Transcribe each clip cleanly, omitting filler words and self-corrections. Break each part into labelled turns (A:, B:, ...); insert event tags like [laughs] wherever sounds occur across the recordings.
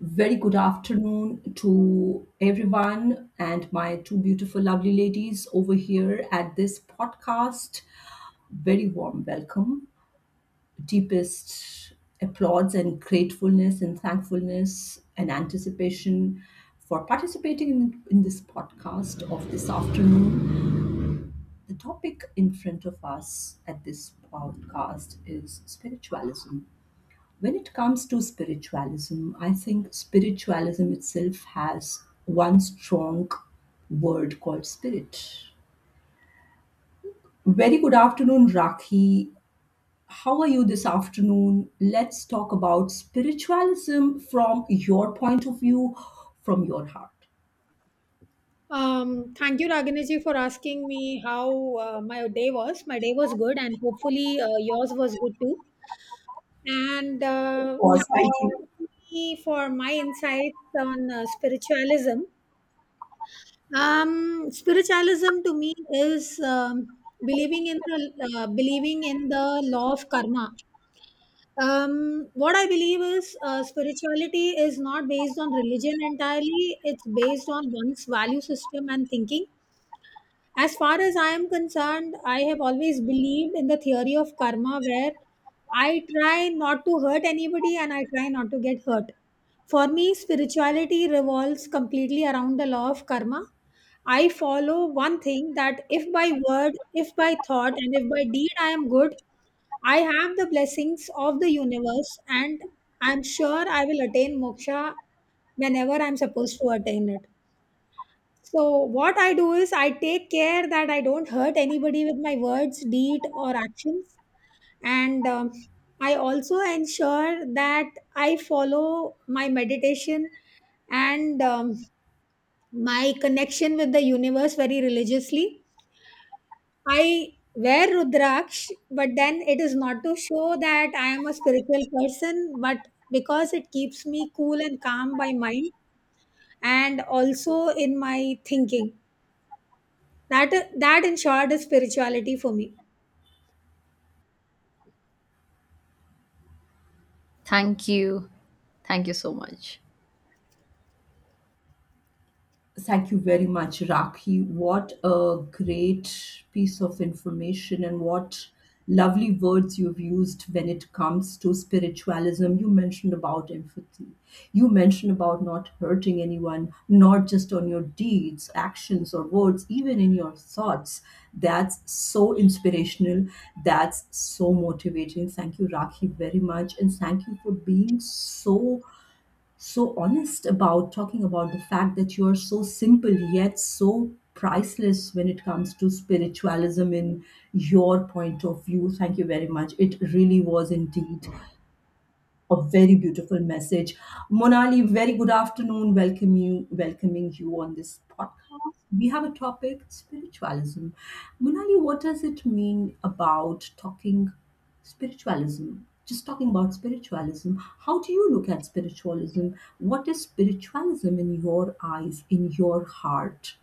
A: Very good afternoon to everyone and my two beautiful, lovely ladies over here at this podcast. Very warm welcome, deepest applauds and gratefulness and thankfulness and anticipation for participating in this podcast of this afternoon. The topic in front of us at this podcast is spiritualism. When it comes to spiritualism, I think spiritualism itself has one strong word called spirit. Very good afternoon, Rakhi. How are you this afternoon? Let's talk about spiritualism from your point of view, from your heart.
B: Thank you, Ragini, for asking me how my day was. My day was good, and hopefully yours was good too. And
A: Of course,
B: thank you
A: thank
B: for
A: you.
B: asking me for my insights on spiritualism. Spiritualism to me is believing in the law of karma. What I believe is spirituality is not based on religion entirely. It's based on one's value system and thinking. As far as I am concerned, I have always believed in the theory of karma, where I try not to hurt anybody and I try not to get hurt. For me, spirituality revolves completely around the law of karma. I follow one thing: that if by word, if by thought, and if by deed I am good, I have the blessings of the universe, and I'm sure I will attain moksha whenever I'm supposed to attain it. So what I do is I take care that I don't hurt anybody with my words, deed, or actions, and I also ensure that I follow my meditation and my connection with the universe very religiously. I wear rudraksh, but then it is not to show that I am a spiritual person, but because it keeps me cool and calm by mind, and also in my thinking. That that, in short, is spirituality for me.
C: Thank you. Thank you so much.
A: Thank you very much, Rakhi. What a great piece of information, and what lovely words you've used when it comes to spiritualism. You mentioned about empathy. You mentioned about not hurting anyone, not just on your deeds, actions, or words, even in your thoughts. That's so inspirational. That's so motivating. Thank you, Rakhi, very much. And thank you for being so honest about talking about the fact that you are so simple yet so priceless when it comes to spiritualism in your point of view. Thank you very much. It really was indeed a very beautiful message. Monali, very good afternoon. Welcome you, welcoming you on this podcast. We have a topic spiritualism. Monali, what does it mean about talking spiritualism? Just talking about spiritualism. How do you look at spiritualism? What is spiritualism in your eyes, in your heart?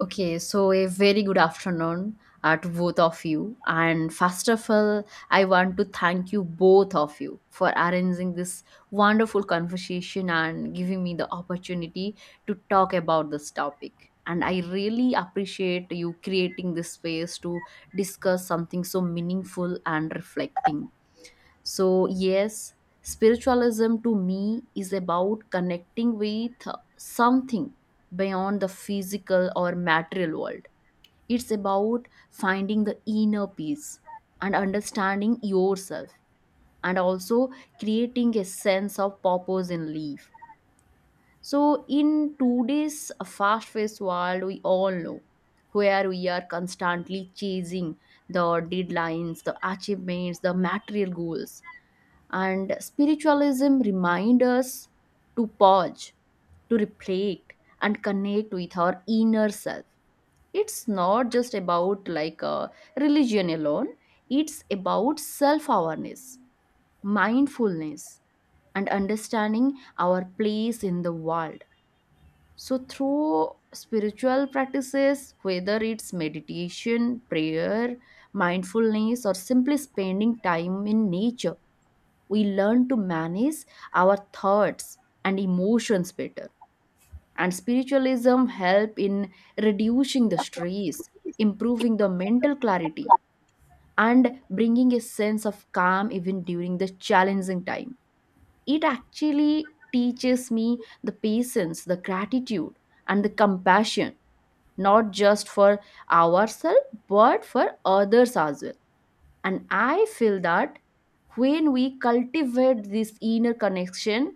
C: Okay, so a very good afternoon to both of you. And first of all, I want to thank you both of you for arranging this wonderful conversation and giving me the opportunity to talk about this topic. And I really appreciate you creating this space to discuss something so meaningful and reflecting. So, yes, spiritualism to me is about connecting with something beyond the physical or material world. It's about finding the inner peace and understanding yourself, and also creating a sense of purpose in life. So, in today's fast paced world, we all know, where we are constantly chasing the deadlines, the achievements, the material goals, and spiritualism reminds us to pause, to reflect and connect with our inner self. It's not just about like a religion alone. It's about self awareness, mindfulness, and understanding our place in the world. So through spiritual practices, whether it's meditation, prayer, mindfulness, or simply spending time in nature, we learn to manage our thoughts and emotions better. And spiritualism help in reducing the stress, improving the mental clarity, and bringing a sense of calm even during the challenging time. It actually teaches me the patience, the gratitude, and the compassion, not just for ourselves but for others as well. And I feel that when we cultivate this inner connection,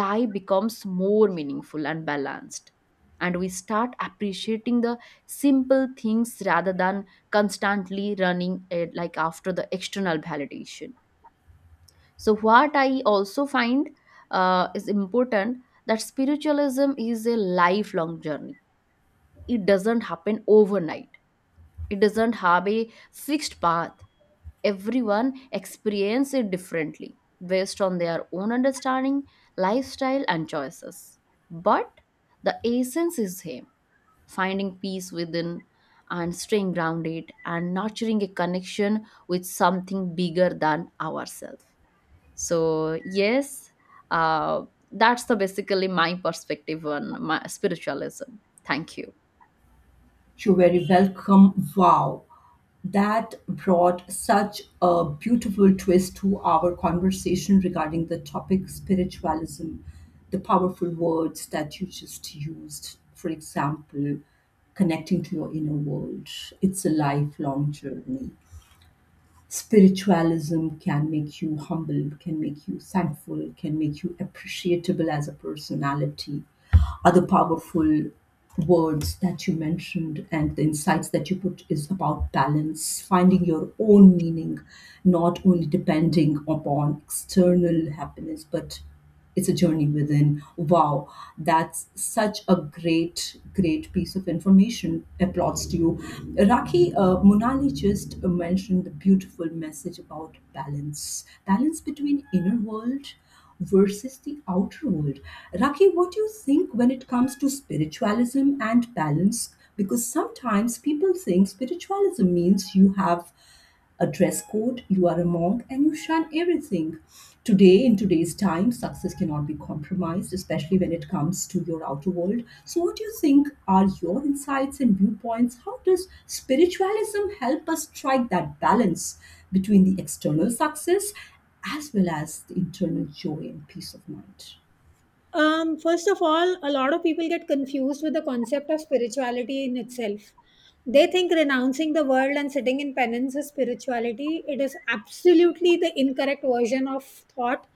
C: life becomes more meaningful and balanced, and we start appreciating the simple things rather than constantly running like after the external validation. So what I also find is important, that spiritualism is a lifelong journey. It doesn't happen overnight. It doesn't have a fixed path. Everyone experiences it differently based on their own understanding, lifestyle, and choices. But the essence is same: finding peace within and staying grounded and nurturing a connection with something bigger than ourselves. So yes, uh, that's the basically my perspective on my spiritualism. Thank you.
A: You're very welcome. Wow. That brought such a beautiful twist to our conversation regarding the topic spiritualism, the powerful words that you just used, for example, connecting to your inner world. It's a lifelong journey. Spiritualism can make you humble, can make you thankful, can make you appreciable as a personality, other powerful words that you mentioned, and the insights that you put is about balance, finding your own meaning, not only depending upon external happiness, but it's a journey within. Wow, that's such a great, great piece of information. Applauds to you. Raki, Munali just mentioned the beautiful message about balance, balance between inner world versus the outer world. Raki, what do you think when it comes to spiritualism and balance? Because sometimes people think spiritualism means you have a dress code, you are a monk, and you shun everything. Today, in today's time, success cannot be compromised, especially when it comes to your outer world. So, what do you think are your insights and viewpoints? How does spiritualism help us strike that balance between the external success as well as the internal joy and peace of mind?
B: First of all, a lot of people get confused with the concept of spirituality in itself. They think renouncing the world and sitting in penance is spirituality. It is absolutely the incorrect version of thought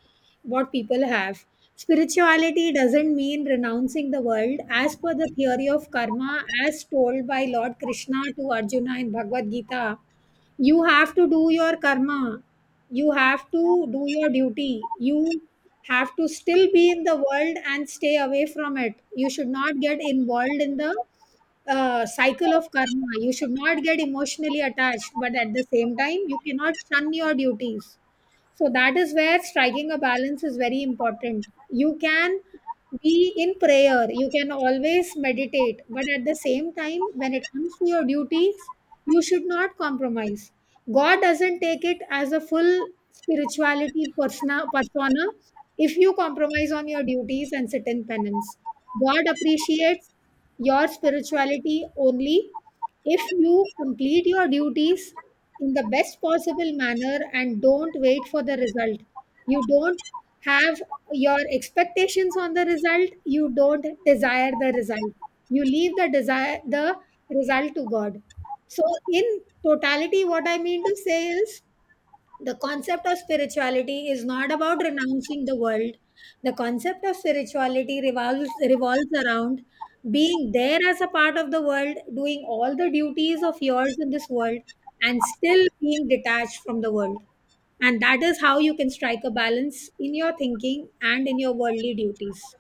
B: what people have. Spirituality doesn't mean renouncing the world. As per the theory of karma, as told by Lord Krishna to Arjuna in Bhagavad Gita, you have to do your karma, you have to do your duty. You have to still be in the world and stay away from it. You should not get involved in the cycle of karma. You should not get emotionally attached, but at the same time you cannot shun your duties. So that is where striking a balance is very important. You can be in prayer, you can always meditate, but at the same time, when it comes to your duties, you should not compromise. God doesn't take it as a full spirituality persona if you compromise on your duties and sit in penance. God appreciates your spirituality only if you complete your duties in the best possible manner, and don't wait for the result. You don't have your expectations on the result, you don't desire the result. You leave the desire, the result, to God. So in totality, what I mean to say is the concept of spirituality is not about renouncing the world. The concept of spirituality revolves around being there as a part of the world, doing all the duties of yours in this world, and still being detached from the world. And that is how you can strike a balance in your thinking and in your worldly duties.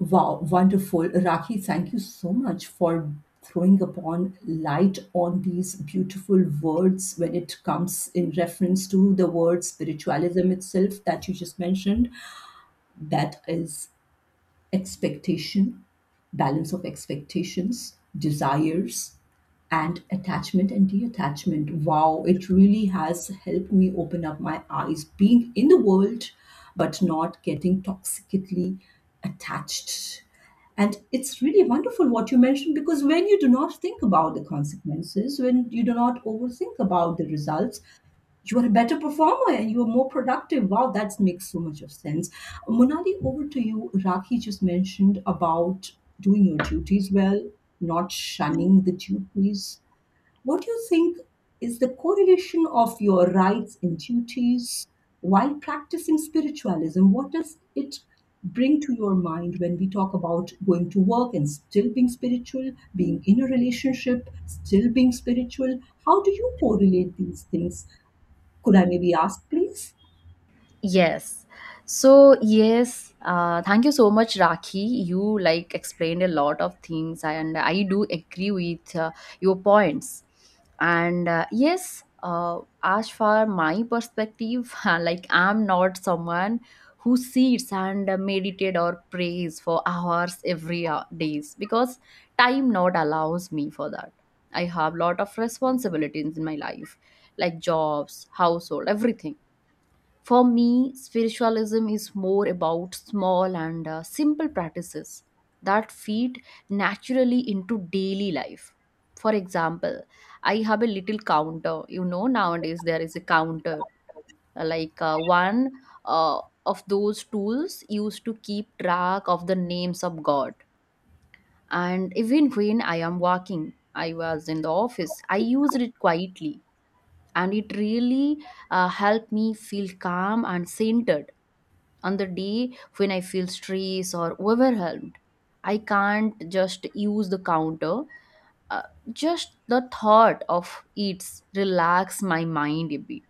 A: Wow, wonderful. Raki, thank you so much for throwing upon light on these beautiful words when it comes in reference to the word spiritualism itself that you just mentioned. That is expectation, balance of expectations, desires, and attachment and detachment. Wow, it really has helped me open up my eyes, being in the world, but not getting toxically attached. And it's really wonderful what you mentioned because when you do not think about the consequences, when you do not overthink about the results, you are a better performer and you are more productive. Wow, that makes so much of sense. Monali, over to you. Rakhi just mentioned about doing your duties well, not shunning the duties. What do you think is the correlation of your rights and duties while practicing spiritualism? What does it bring to your mind when we talk about going to work and still being spiritual, being in a relationship, still being spiritual? How do you correlate these things? Could I maybe ask, please?
C: Yes. So, yes, thank you so much, Rakhi. You like explained a lot of things, and I do agree with your points. And yes, as far my perspective, [laughs] like I'm not someone who sits and meditate or prays for hours every days because time not allows me for that. I have lot of responsibilities in my life, like jobs, household, everything. For me, spiritualism is more about small and simple practices that feed naturally into daily life. For example, I have a little counter. You know, nowadays there is a counter, like one uh, of those tools used to keep track of the names of God. And even when I am working, I was in the office, I used it quietly, and it really helped me feel calm and centered on the day when I feel stressed or overwhelmed. I can't just use the counter. Uh, just the thought of it relax my mind a bit.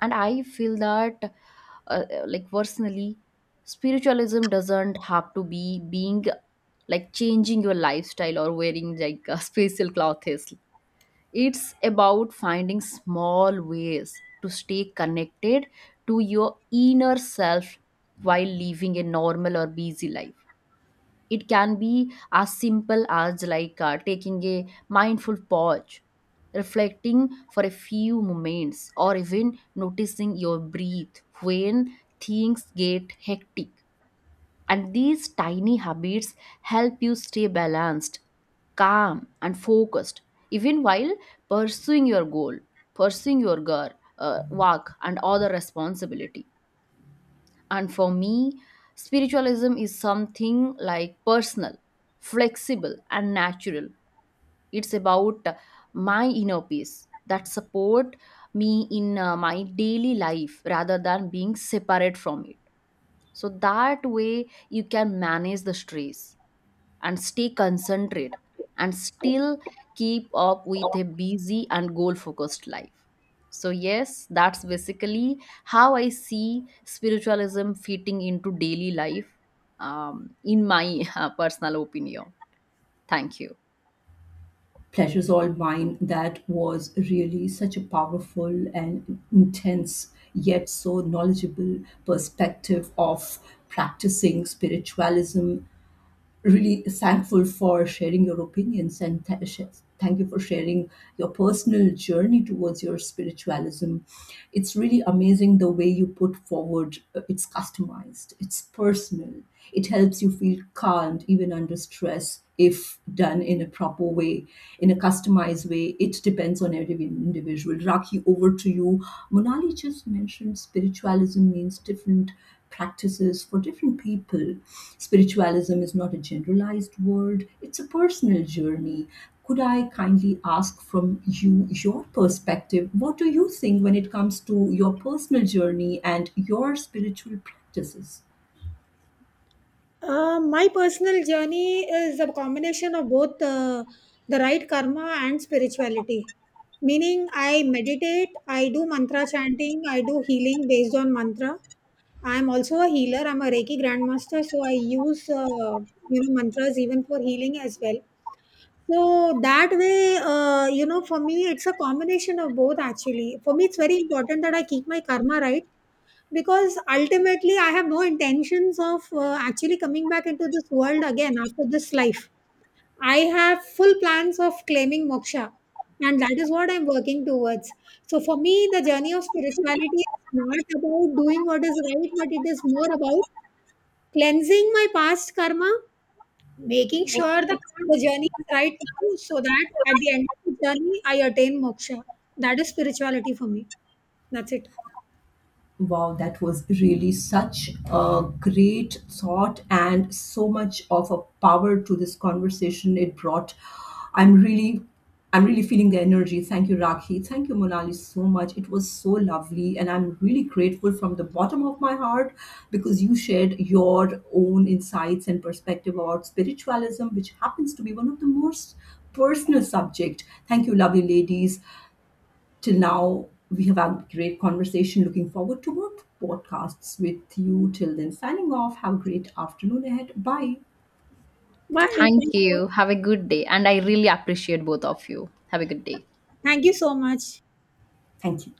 C: And I feel that, like personally, spiritualism doesn't have to be being like changing your lifestyle or wearing like a [laughs] special clothes. It's about finding small ways to stay connected to your inner self while living a normal or busy life. It can be as simple as like taking a mindful pause, reflecting for a few moments, or even noticing your breath when things get hectic. And these tiny habits help you stay balanced, calm, and focused, even while pursuing your goal, pursuing your girl, work, and other responsibility. And for me, spiritualism is something like personal, flexible, and natural. It's about my inner peace that support me in my daily life rather than being separate from it. So that way you can manage the stress and stay concentrated and still keep up with a busy and goal focused life. So, yes, that's basically how I see spiritualism fitting into daily life, in my [laughs] personal opinion. Thank you.
A: Pleasure's all mine. That was really such a powerful and intense, yet so knowledgeable perspective of practicing spiritualism. Really thankful for sharing your opinions and thank you for sharing your personal journey towards your spiritualism. It's really amazing the way you put forward, it's customized, it's personal, it helps you feel calmed even under stress if done in a proper way, in a customized way. It depends on every individual. Raki, over to you. Monali just mentioned spiritualism means different practices for different people. Spiritualism is not a generalized word, it's a personal journey. Could I kindly ask from you your perspective? What do you think when it comes to your personal journey and your spiritual practices?
B: My personal journey is a combination of both the right karma and spirituality, meaning I meditate, I do mantra chanting, I do healing based on mantra. I'm also a healer, I'm a Reiki grandmaster, so I use you know, mantras even for healing as well. So that way, you know, for me it's a combination of both. Actually, for me it's very important that I keep my karma right, because ultimately I have no intentions of actually coming back into this world again after this life. I have full plans of claiming moksha, and that is what I'm working towards. So, for me, the journey of spirituality is not about doing what is right, but it is more about cleansing my past karma, making sure that the journey is right now, so that at the end of the journey, I attain moksha. That is spirituality for me. That's it.
A: Wow, that was really such a great thought and so much of a power to this conversation it brought. I'm really I'm really feeling the energy. Thank you, Rakhi. Thank you, Monali, so much. It was so lovely. And I'm really grateful from the bottom of my heart because you shared your own insights and perspective about spiritualism, which happens to be one of the most personal subject. Thank you, lovely ladies. Till now, we have had a great conversation. Looking forward to more podcasts with you. Till then, signing off. Have a great afternoon ahead. Bye.
B: Bye.
C: Thank
B: Thank you.
C: you. Have a good day. And I really appreciate both of you. Have a good day.
B: Thank you so much.
A: Thank you.